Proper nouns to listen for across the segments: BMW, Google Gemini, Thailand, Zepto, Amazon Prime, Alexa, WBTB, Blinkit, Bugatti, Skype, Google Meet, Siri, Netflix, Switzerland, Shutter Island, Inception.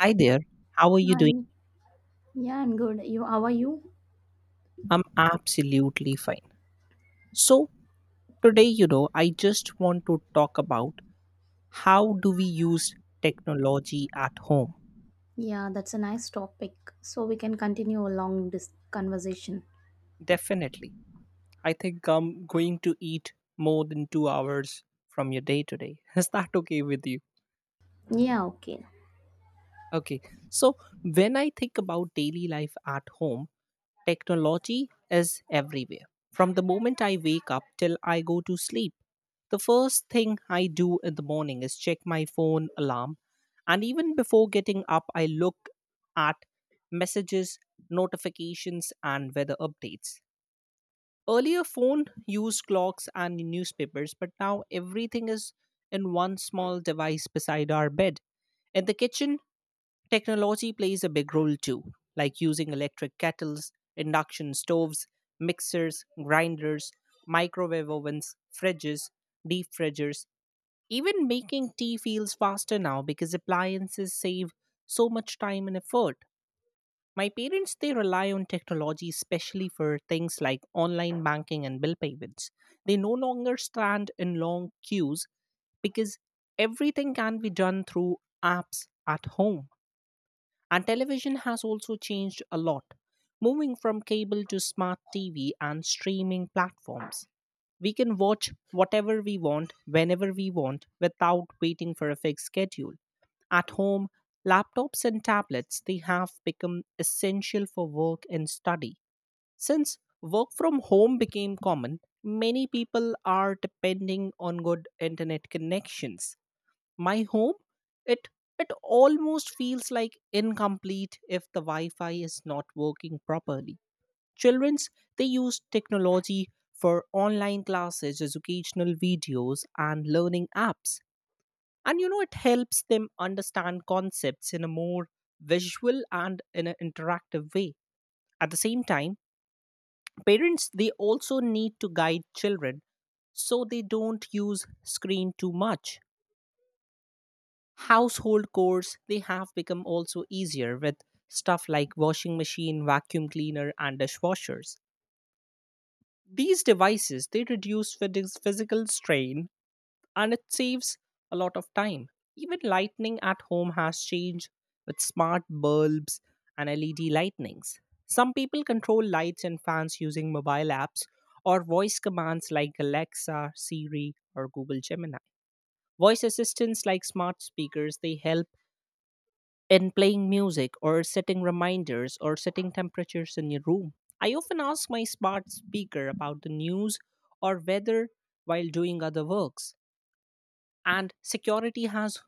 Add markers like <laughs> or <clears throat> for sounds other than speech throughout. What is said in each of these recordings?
Hi there. How are you doing? Hi. Yeah, I'm good. You, how are you? I'm absolutely fine. So, today, I just want to talk about how do we use technology at home? Yeah, that's a nice topic. So we can continue along this conversation. Definitely. I think I'm going to eat more than 2 hours from your day today. <laughs> Is that okay with you? Yeah, okay. Okay. So, when I think about daily life at home, technology is everywhere. From the moment I wake up till I go to sleep, the first thing I do in the morning is check my phone alarm. And even before getting up, I look at messages, notifications, and weather updates. Earlier, phone used clocks and newspapers, but now everything is in one small device beside our bed. In the kitchen, technology plays a big role too, like using electric kettles, induction stoves, mixers, grinders, microwave ovens, fridges, deep fridgers. Even making tea feels faster now because appliances save so much time and effort. My parents they rely on technology especially for things like online banking and bill payments. They no longer stand in long queues because everything can be done through apps at home. And television has also changed a lot. Moving from cable to smart TV and streaming platforms, we can watch whatever we want, whenever we want, without waiting for a fixed schedule. At home, laptops and tablets they have become essential for work and study. Since work from home became common, many people are depending on good internet connections. My home it it almost feels like incomplete if the wi-fi is not working properly. Children's they use technology for online classes, educational videos, and learning apps. And it helps them understand concepts in a more visual and in an interactive way. At the same time, parents they also need to guide children so they don't use screen too much. Household chores they have become also easier with stuff like washing machine, vacuum cleaner, and dishwashers. These devices they reduce physical strain and it saves a lot of time. Even lighting at home has changed with smart bulbs and led lightnings. Some people control lights and fans using mobile apps or voice commands like Alexa, Siri, or Google Gemini. Voice assistants like smart speakers they help in playing music or setting reminders or setting temperatures in your room. I often ask my smart speaker about the news or weather while doing other works. And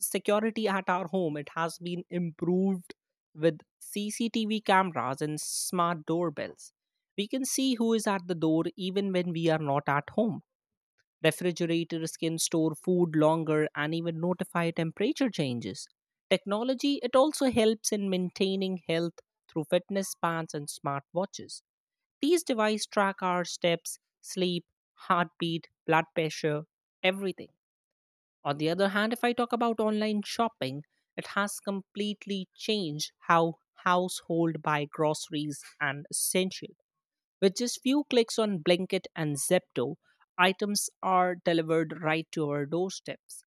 security at our home it has been improved with CCTV cameras and smart doorbells. We can see who is at the door even when we are not at home. Refrigerators can store food longer and even notify temperature changes. Technology it also helps in maintaining health through fitness bands and smartwatches. These devices track our steps, sleep, heartbeat, blood pressure, everything. On the other hand, if I talk about online shopping, it has completely changed how household buy groceries and essential. With just few clicks on Blinkit and Zepto, items are delivered right to our doorsteps.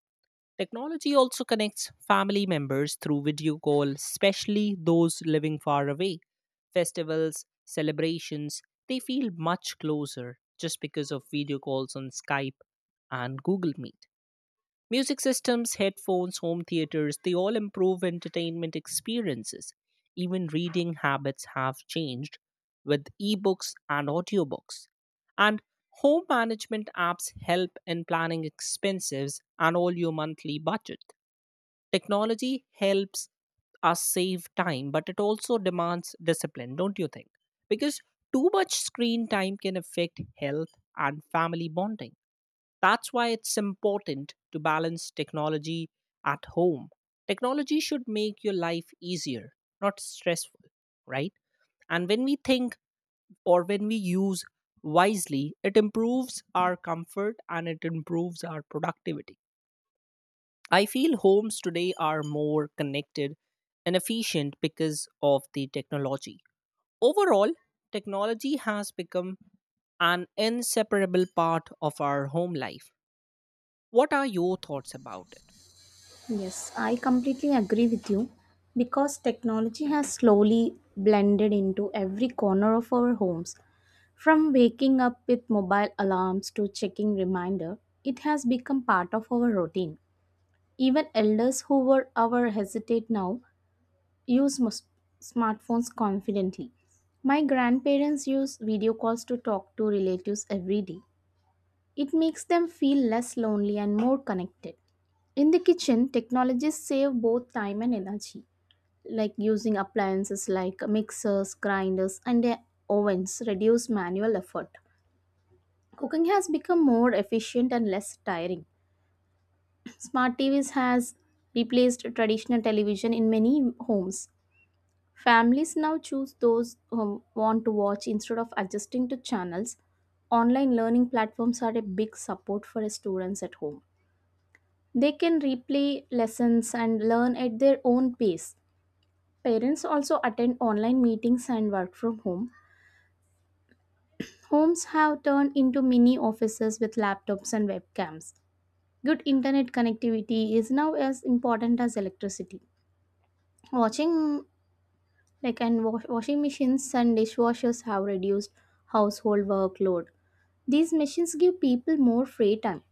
Technology also connects family members through video call, especially those living far away. Festivals, celebrations, they feel much closer just because of video calls on Skype and Google Meet. Music systems, headphones, home theaters, they all improve entertainment experiences. Even reading habits have changed with ebooks and audiobooks. And home management apps help in planning expenses and all your monthly budget. Technology helps us save time, but it also demands discipline, don't you think? Because too much screen time can affect health and family bonding. That's why it's important to balance technology at home. Technology should make your life easier, not stressful, right? And when we think or when we use wisely, it improves our comfort and it improves our productivity. I feel homes today are more connected and efficient because of the technology. Overall, technology has become an inseparable part of our home life. What are your thoughts about it? Yes, I completely agree with you because technology has slowly blended into every corner of our homes. From waking up with mobile alarms to checking reminder, it has become part of our routine. Even elders who were our hesitate now use smartphones confidently. My grandparents use video calls to talk to relatives every day. It makes them feel less lonely and more connected. In the kitchen, technologies save both time and energy. Like using appliances like mixers, grinders, and their ovens reduce manual effort. Cooking has become more efficient and less tiring. Smart TVs has replaced traditional television in many homes. Families now choose those who want to watch instead of adjusting to channels. Online learning platforms are a big support for students at home. They can replay lessons and learn at their own pace. Parents also attend online meetings and work from home. Homes have turned into mini offices with laptops and webcams. Good internet connectivity is now as important as electricity. Watching like and washing machines and dishwashers have reduced household workload. These machines give people more free time.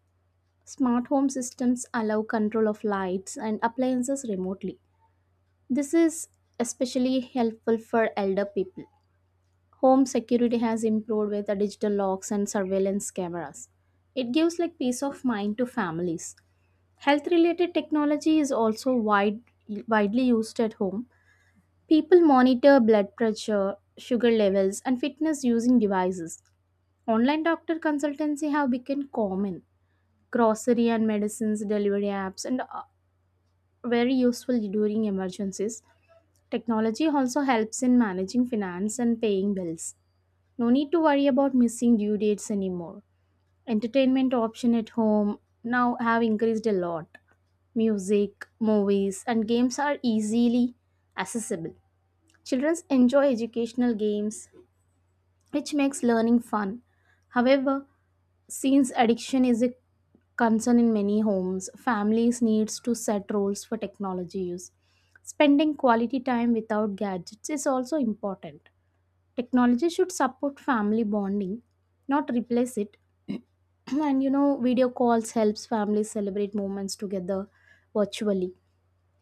Smart home systems allow control of lights and appliances remotely. This is especially helpful for elder people. Home security has improved with the digital locks and surveillance cameras. It gives like peace of mind to families. Health related technology is also widely used at home. People monitor blood pressure, sugar levels, and fitness using devices. Online doctor consultancy have become common. Grocery and medicines delivery apps and are very useful during emergencies. Technology also helps in managing finance and paying bills. No need to worry about missing due dates anymore. Entertainment option at home now have increased a lot. Music, movies, and games are easily accessible. Children enjoy educational games, which makes learning fun. However, since addiction is a concern in many homes, families needs to set rules for technology use. Spending quality time without gadgets is also important. Technology should support family bonding, not replace it. <clears throat> And you know, video calls helps families celebrate moments together virtually.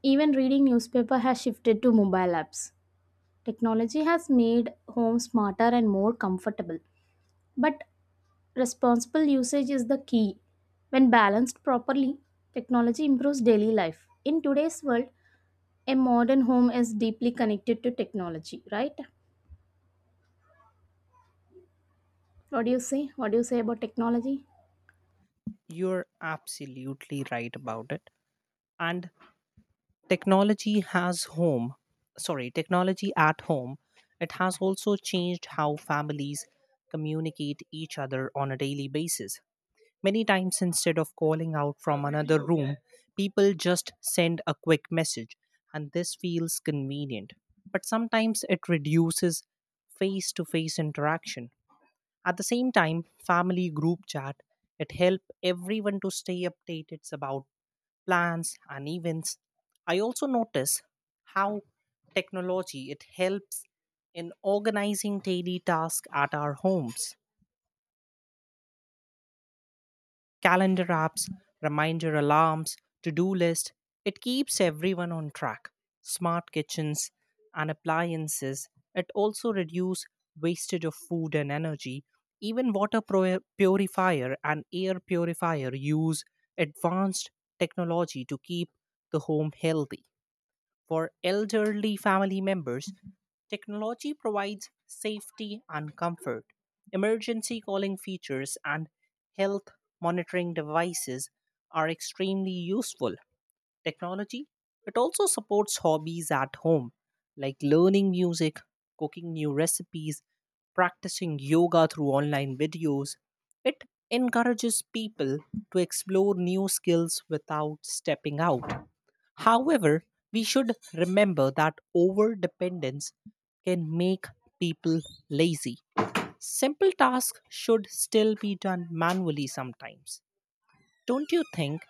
Even reading newspaper has shifted to mobile apps. Technology has made home smarter and more comfortable. But responsible usage is the key. When balanced properly, technology improves daily life. In today's world, a modern home is deeply connected to technology, right? What do you say? What do you say about technology? You're absolutely right about it. And technology has home, technology at home, it has also changed how families communicate each other on a daily basis. Many times, instead of calling out from another room, people just send a quick message, and this feels convenient. But sometimes it reduces face to face interaction. At the same time, family group chat it helped everyone to stay updated about plans and events. I also notice how technology it helps in organizing daily tasks at our homes. Calendar apps, reminder alarms, to do list. It keeps everyone on track. Smart kitchens and appliances. It also reduce wastage of food and energy. Even purifier and air purifier use advanced technology to keep the home healthy. For elderly family members, technology provides safety and comfort. Emergency calling features and health monitoring devices are extremely useful. Technology, it also supports hobbies at home like learning music, cooking new recipes, practicing yoga through online videos. It encourages people to explore new skills without stepping out. However, we should remember that over dependence can make people lazy. Simple tasks should still be done manually sometimes. Don't you think?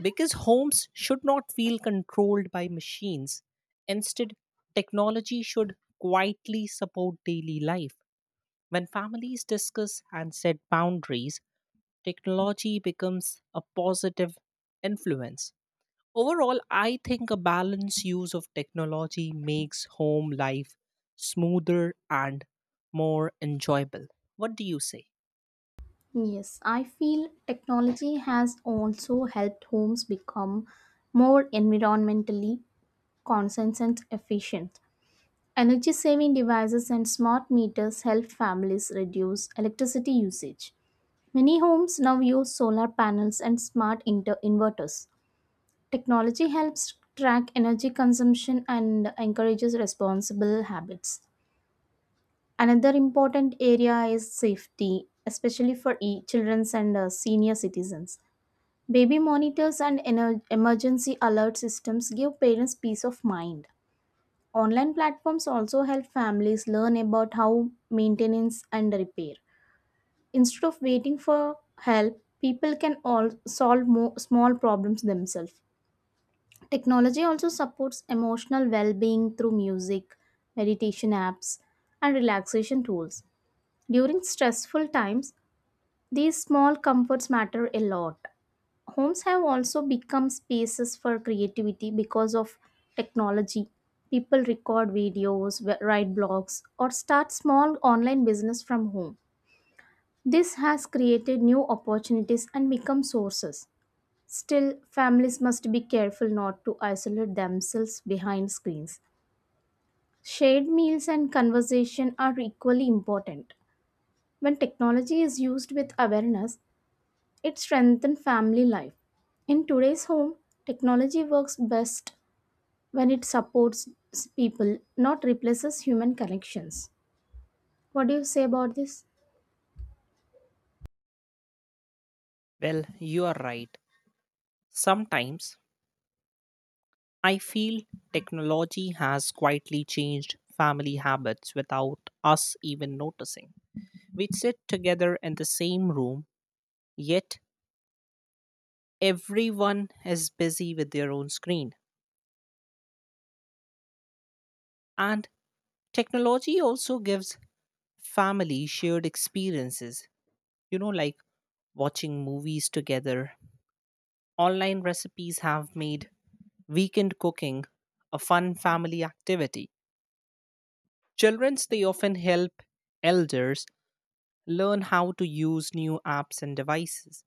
Because homes should not feel controlled by machines. Instead, technology should quietly support daily life. When families discuss and set boundaries, technology becomes a positive influence. Overall, I think a balanced use of technology makes home life smoother and more enjoyable. What do you say? Yes, I feel technology has also helped homes become more environmentally conscious and efficient. Energy saving devices and smart meters help families reduce electricity usage. Many homes now use solar panels and smart inverters. Technology helps track energy consumption and encourages responsible habits. Another important area is safety, especially for children and senior citizens. Baby monitors and emergency alert systems give parents peace of mind. Online platforms also help families learn about how maintenance and repair. Instead of waiting for help, people can all solve more small problems themselves. Technology also supports emotional well being through music, meditation apps, and relaxation tools. During stressful times, these small comforts matter a lot. Homes have also become spaces for creativity because of technology. People record videos, write blogs, or start small online business from home. This has created new opportunities and become sources. Still, families must be careful not to isolate themselves behind screens. Shared meals and conversation are equally important. When technology is used with awareness, it strengthens family life. In today's home, technology works best when it supports people, not replaces human connections. What do you say about this? Well, you are right. Sometimes I feel technology has quietly changed family habits without us even noticing. We sit together in the same room, yet everyone is busy with their own screen. And technology also gives family shared experiences, like watching movies together. Online recipes have made weekend cooking a fun family activity. Children's they often help elders learn how to use new apps and devices.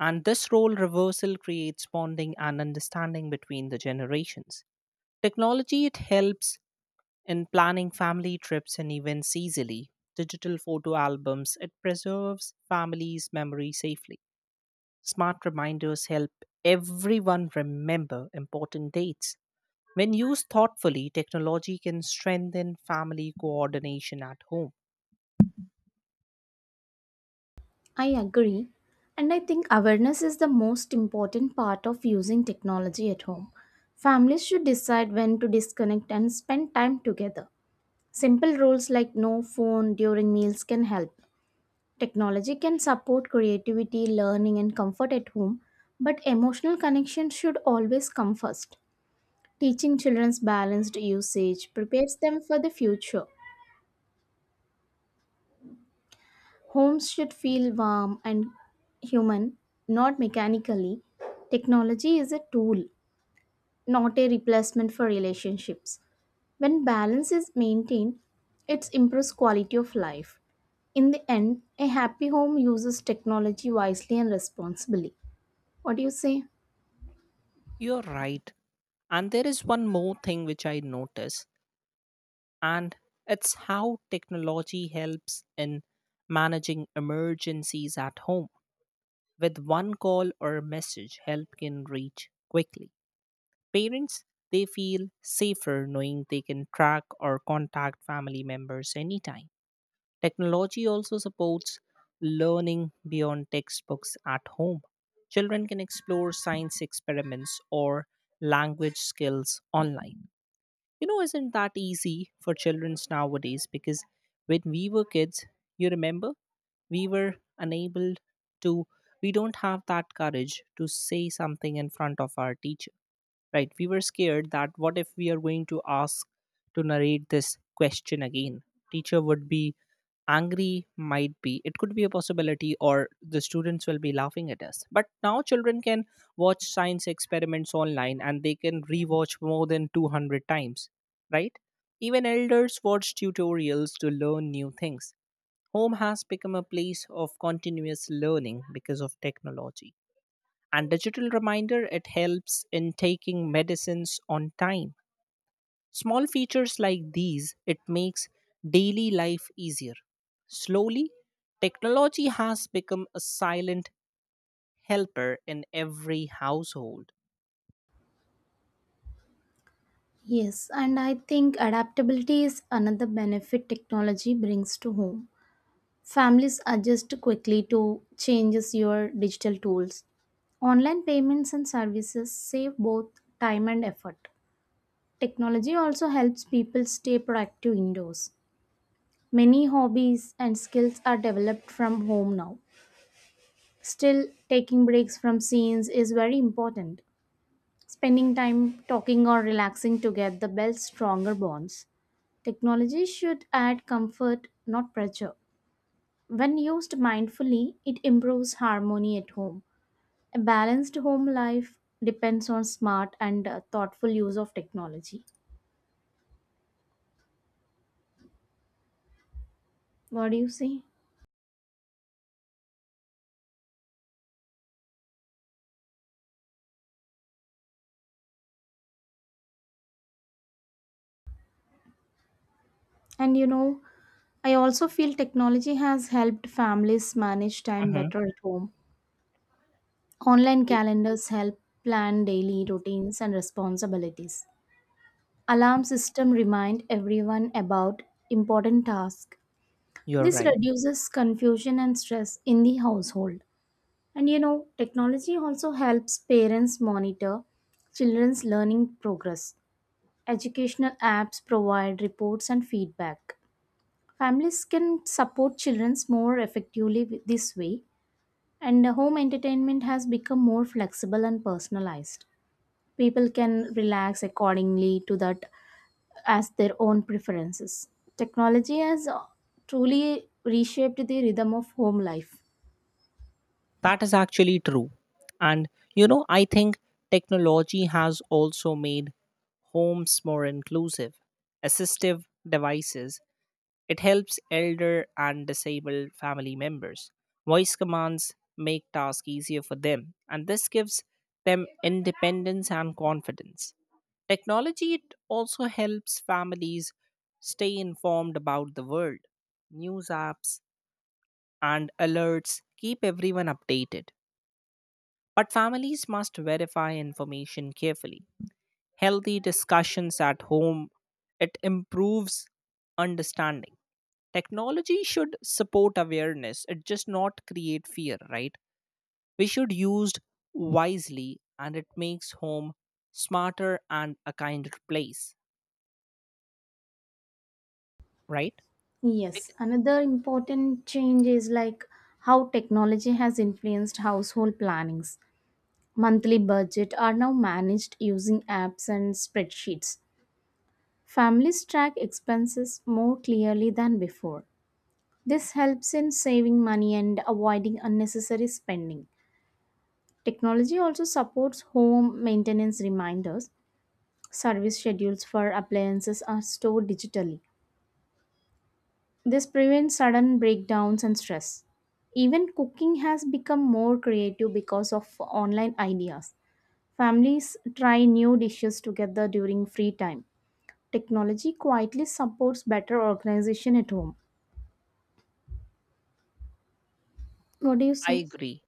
And this role reversal creates bonding and understanding between the generations. Technology it helps in planning family trips and events easily. Digital photo albums it preserves families' memory safely. Smart reminders help everyone remember important dates. When used thoughtfully, technology can strengthen family coordination at home. I agree. And I think awareness is the most important part of using technology at home. Families should decide when to disconnect and spend time together. Simple rules like no phone during meals can help. Technology can support creativity, learning, and comfort at home, but emotional connection should always come first. Teaching children's balanced usage prepares them for the future. Homes should feel warm and human, not mechanically. Technology is a tool, not a replacement for relationships. When balance is maintained, it improves quality of life. In the end, a happy home uses technology wisely and responsibly. What do you say? You're right. And there is one more thing which I notice, and it's how technology helps in managing emergencies at home. With one call or a message, help can reach quickly. Parents, they feel safer knowing they can track or contact family members anytime. Technology also supports learning beyond textbooks at home. Children can explore science experiments or language skills online. Isn't that easy for children nowadays? Because when we were kids, you remember, we were to, we don't have that courage to say something in front of our teacher, right? We were scared that what if we are going to ask to narrate this question again? Teacher would be angry, might be it could be a possibility, or the students will be laughing at us. But now children can watch science experiments online and they can rewatch more than 200 times, right? Even elders watch tutorials to learn new things. Home has become a place of continuous learning because of technology. And digital reminder it helps in taking medicines on time. Small features like these, it makes daily life easier. Slowly, technology has become a silent helper in every household. Yes, and I think adaptability is another benefit technology brings to home. Families adjust quickly to changes your digital tools. Online payments and services save both time and effort. Technology also helps people stay productive indoors. Many hobbies and skills are developed from home now. Still, taking breaks from scenes is very important. Spending time talking or relaxing together builds stronger bonds. Technology should add comfort, not pressure. When used mindfully, it improves harmony at home. A balanced home life depends on smart and thoughtful use of technology. What do you say? And you know, I also feel technology has helped families manage time Hmm. better at home. Online You. calendars help plan daily routines and responsibilities. Alarm system remind everyone about important tasks. You're This right. reduces confusion and stress in the household. And you know, technology also helps parents monitor children's learning progress. Educational apps provide reports and feedback. Families can support children more effectively this way, and home entertainment has become more flexible and personalized. People can relax accordingly to that as their own preferences. Technology has truly reshaped the rhythm of home life. That is actually true. And I think technology has also made homes more inclusive. Assistive devices, it helps elder and disabled family members. Voice commands make tasks easier for them, and this gives them independence and confidence. Technology it also helps families stay informed about the world. News apps and alerts keep everyone updated, but families must verify information carefully. Healthy discussions at home it improves understanding. Technology should support awareness, it just not create fear, right? We should used wisely and it makes home smarter and a kinder place, right? Yes, Bec- another important change is like how technology has influenced household plannings. Monthly budget are now managed using apps and spreadsheets. Families track expenses more clearly than before. This helps in saving money and avoiding unnecessary spending. Technology also supports home maintenance reminders. Service schedules for appliances are stored digitally. This prevents sudden breakdowns and stress. Even cooking has become more creative because of online ideas. Families try new dishes together during free time. Technology quietly supports better organization at home. What do you I say? agree.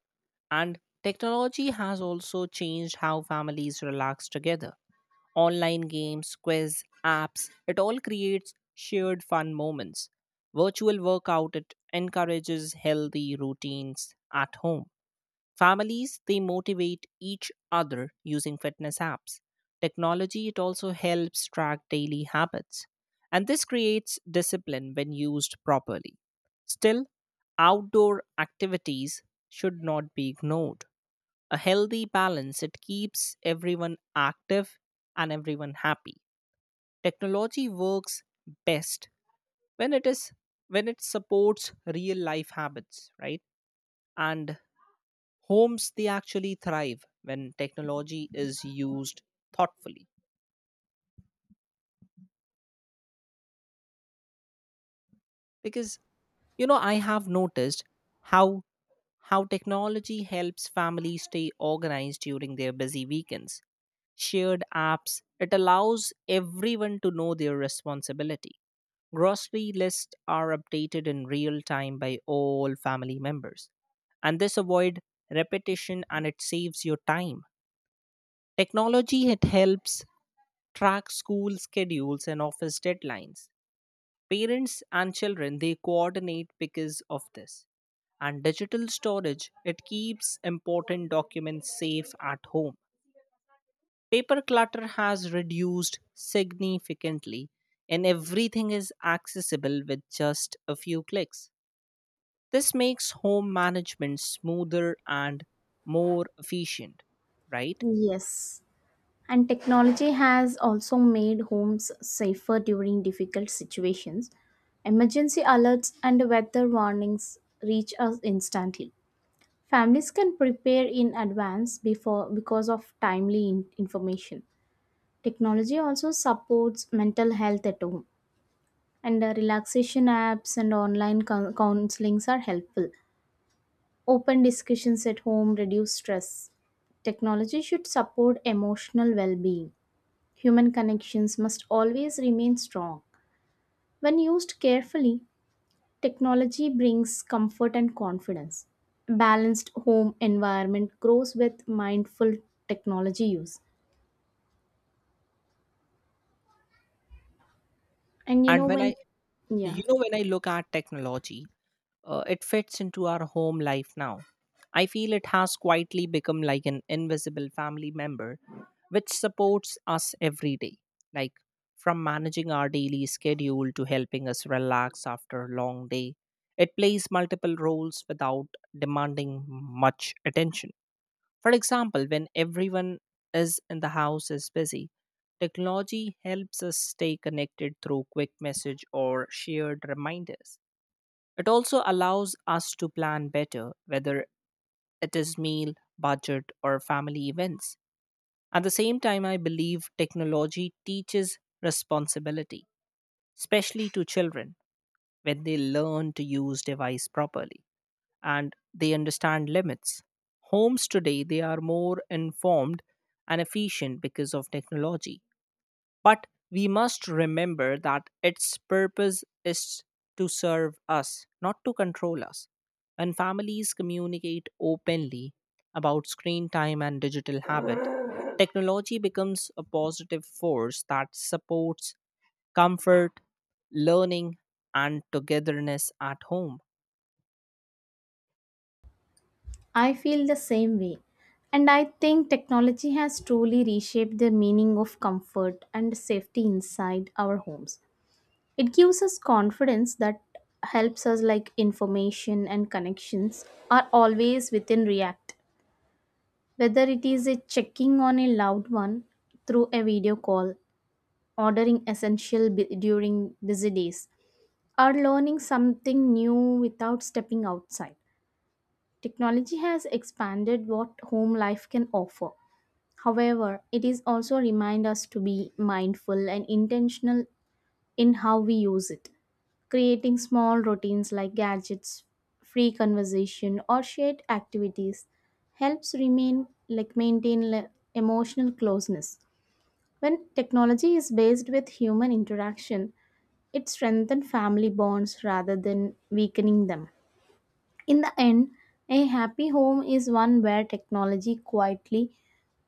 And technology has also changed how families relax together. Online games, quiz apps, it all creates shared fun moments. Virtual workout it encourages healthy routines at home. Families, they motivate each other using fitness apps. Technology, it also helps track daily habits. And this creates discipline when used properly. Still, outdoor activities should not be ignored. A healthy balance, it keeps everyone active and everyone happy. Technology works best when it is when it supports real life habits, right? And homes they actually thrive when technology is used thoughtfully. Because I have noticed how how technology helps families stay organized during their busy weekends. Shared apps it allows everyone to know their responsibility. Grocery lists are updated in real time by all family members and this avoid repetition and it saves your time. Technology it helps track school schedules and office deadlines. Parents and children they coordinate because of this. And digital storage it keeps important documents safe at home. Paper clutter has reduced significantly and everything is accessible with just a few clicks. This makes home management smoother and more efficient, right? Yes. And technology has also made homes safer during difficult situations. Emergency alerts and weather warnings reach us instantly. Families can prepare in advance before because of timely information. Technology also supports mental health at home, and relaxation apps and online counselings are helpful. Open discussions at home reduce stress. Technology should support emotional well being. Human connections must always remain strong. When used carefully, technology brings comfort and confidence. Balanced home environment grows with mindful technology use. And And when I yeah, when I look at technology, it fits into our home life now. I feel it has quietly become like an invisible family member which supports us every day, like from managing our daily schedule to helping us relax after a long day. It plays multiple roles without demanding much attention. For example, when everyone is in the house is busy, technology helps us stay connected through quick message or shared reminders. It also allows us to plan better, whether it is meal, budget, or family events. At the same time, I believe technology teaches responsibility, especially to children when they learn to use device properly and they understand limits. Homes today, they are more informed and efficient because of technology. But we must remember that its purpose is to serve us, not to control us. When families communicate openly about screen time and digital habit, technology becomes a positive force that supports comfort, learning, and togetherness at home. I feel the same way. And I think technology has truly reshaped the meaning of comfort and safety inside our homes. It gives us confidence that helps us like information and connections are always within react, whether it is a checking on a loved one through a video call, ordering essential during busy days, or learning something new without stepping outside. Technology has expanded what home life can offer. However, it is also remind us to be mindful and intentional in how we use it, creating small routines like gadgets free conversation or shared activities helps remain like maintain emotional closeness. When technology is based with human interaction, it strengthens family bonds rather than weakening them. In the end, a happy home is one where technology quietly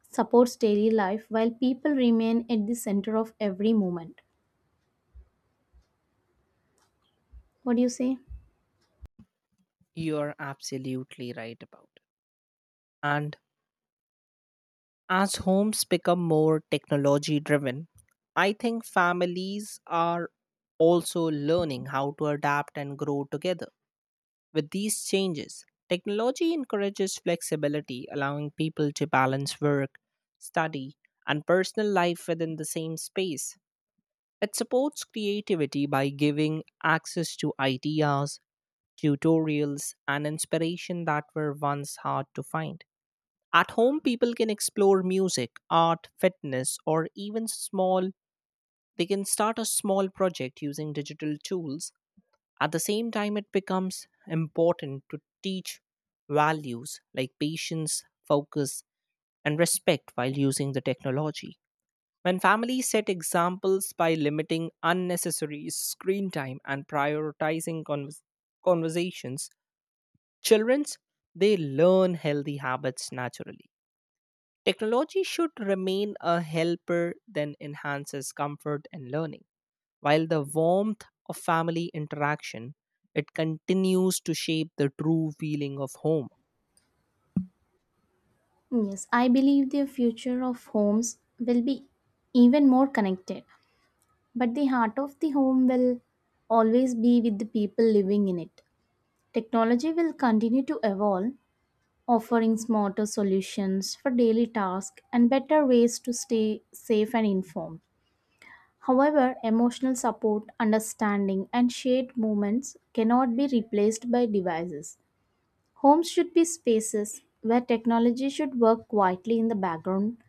supports daily life while people remain at the center of every moment. What do you say? You're absolutely right about it. And as homes become more technology driven, I think families are also learning how to adapt and grow together. With these changes, technology encourages flexibility, allowing people to balance work, study, and personal life within the same space. It supports creativity by giving access to ideas, tutorials, and inspiration that were once hard to find. At home, people can explore music, art, fitness, or they can start a small project using digital tools. At the same time, it becomes important to teach values like patience, focus, and respect while using the technology. When families set examples by limiting unnecessary screen time and prioritizing conversations, children's they learn healthy habits naturally. Technology should remain a helper that enhances comfort and learning, while the warmth of family interaction it continues to shape the true feeling of home. Yes, I believe the future of homes will be even more connected, but the heart of the home will always be with the people living in it. Technology will continue to evolve, offering smarter solutions for daily tasks and better ways to stay safe and informed. However, emotional support, understanding, and shared moments cannot be replaced by devices. Homes should be spaces where technology should work quietly in the background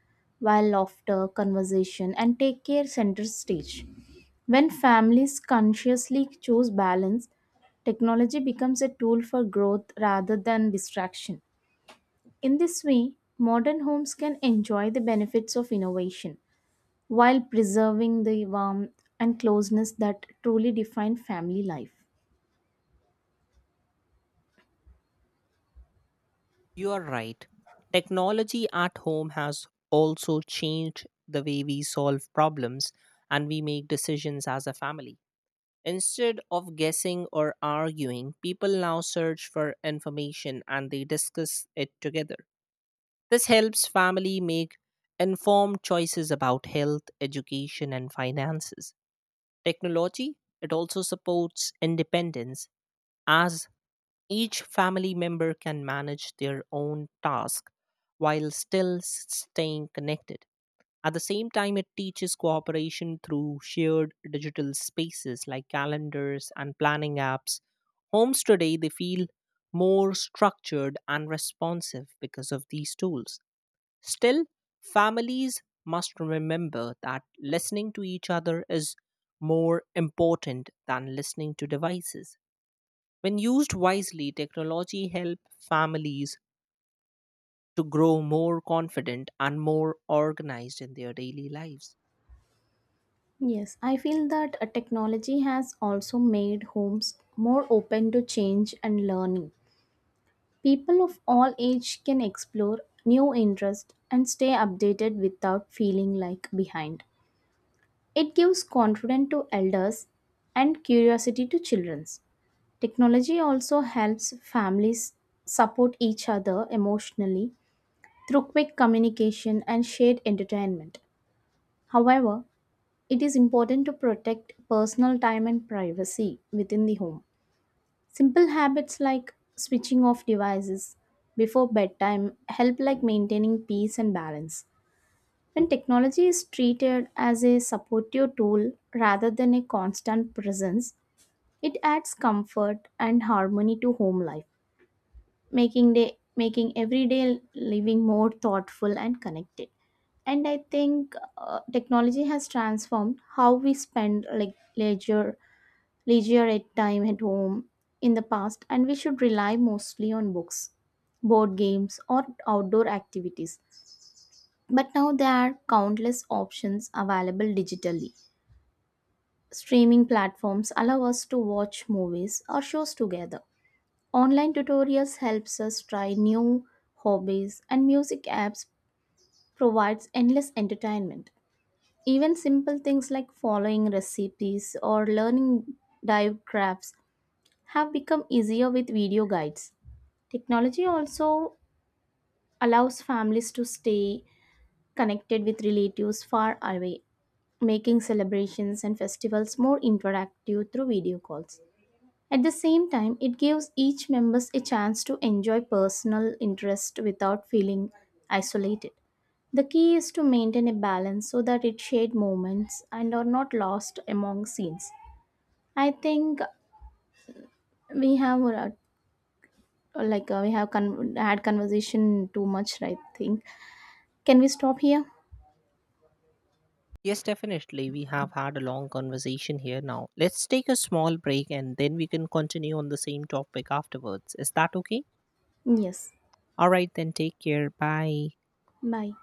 while laughter, conversation, and take care center stage. When families consciously choose balance, technology becomes a tool for growth rather than distraction. In this way, modern homes can enjoy the benefits of innovation while preserving the warmth and closeness that truly define family life. You are right. Technology at home has also changed the way we solve problems and we make decisions as a family. Instead of guessing or arguing, people now search for information and they discuss it together. This helps family make informed choices about health, education and finances. Technology it also supports independence as each family member can manage their own task while staying connected. At the same time, it teaches cooperation through shared digital spaces like calendars and planning apps. Homes today, they feel more structured and responsive because of these tools. Still, families must remember that listening to each other is more important than listening to devices. When used wisely, technology helps families to grow more confident and more organized in their daily lives. Yes, I feel that technology has also made homes more open to change and learning. People of all age can explore new interests and stay updated without feeling like behind. It gives confidence to elders and curiosity to children. Technology also helps families support each other emotionally through quick communication and shared entertainment. However, it is important to protect personal time and privacy within the home. Simple habits like switching off devices before bedtime help like maintaining peace and balance. When technology is treated as a supportive tool rather than a constant presence, it adds comfort and harmony to home life, making everyday living more thoughtful and connected. And I think technology has transformed how we spend like leisure at time at home. In the past and we should rely mostly on books, board games or outdoor activities, but now there are countless options available digitally. Streaming platforms allow us to watch movies or shows together. Online tutorials helps us try new hobbies and music apps provides endless entertainment. Even simple things like following recipes or learning dive crafts have become easier with video guides. Technology also allows families to stay connected with relatives far away, making celebrations and festivals more interactive through video calls. At the same time, it gives each members a chance to enjoy personal interest without feeling isolated. The key is to maintain a balance so that it shared moments and are not lost among scenes. I think we have we have had conversation too much. I think can we stop here? Yes, definitely. We have had a long conversation here now. Let's take a small break and then we can continue on the same topic afterwards. Is that okay? Yes. All right, then take care. Bye. Bye.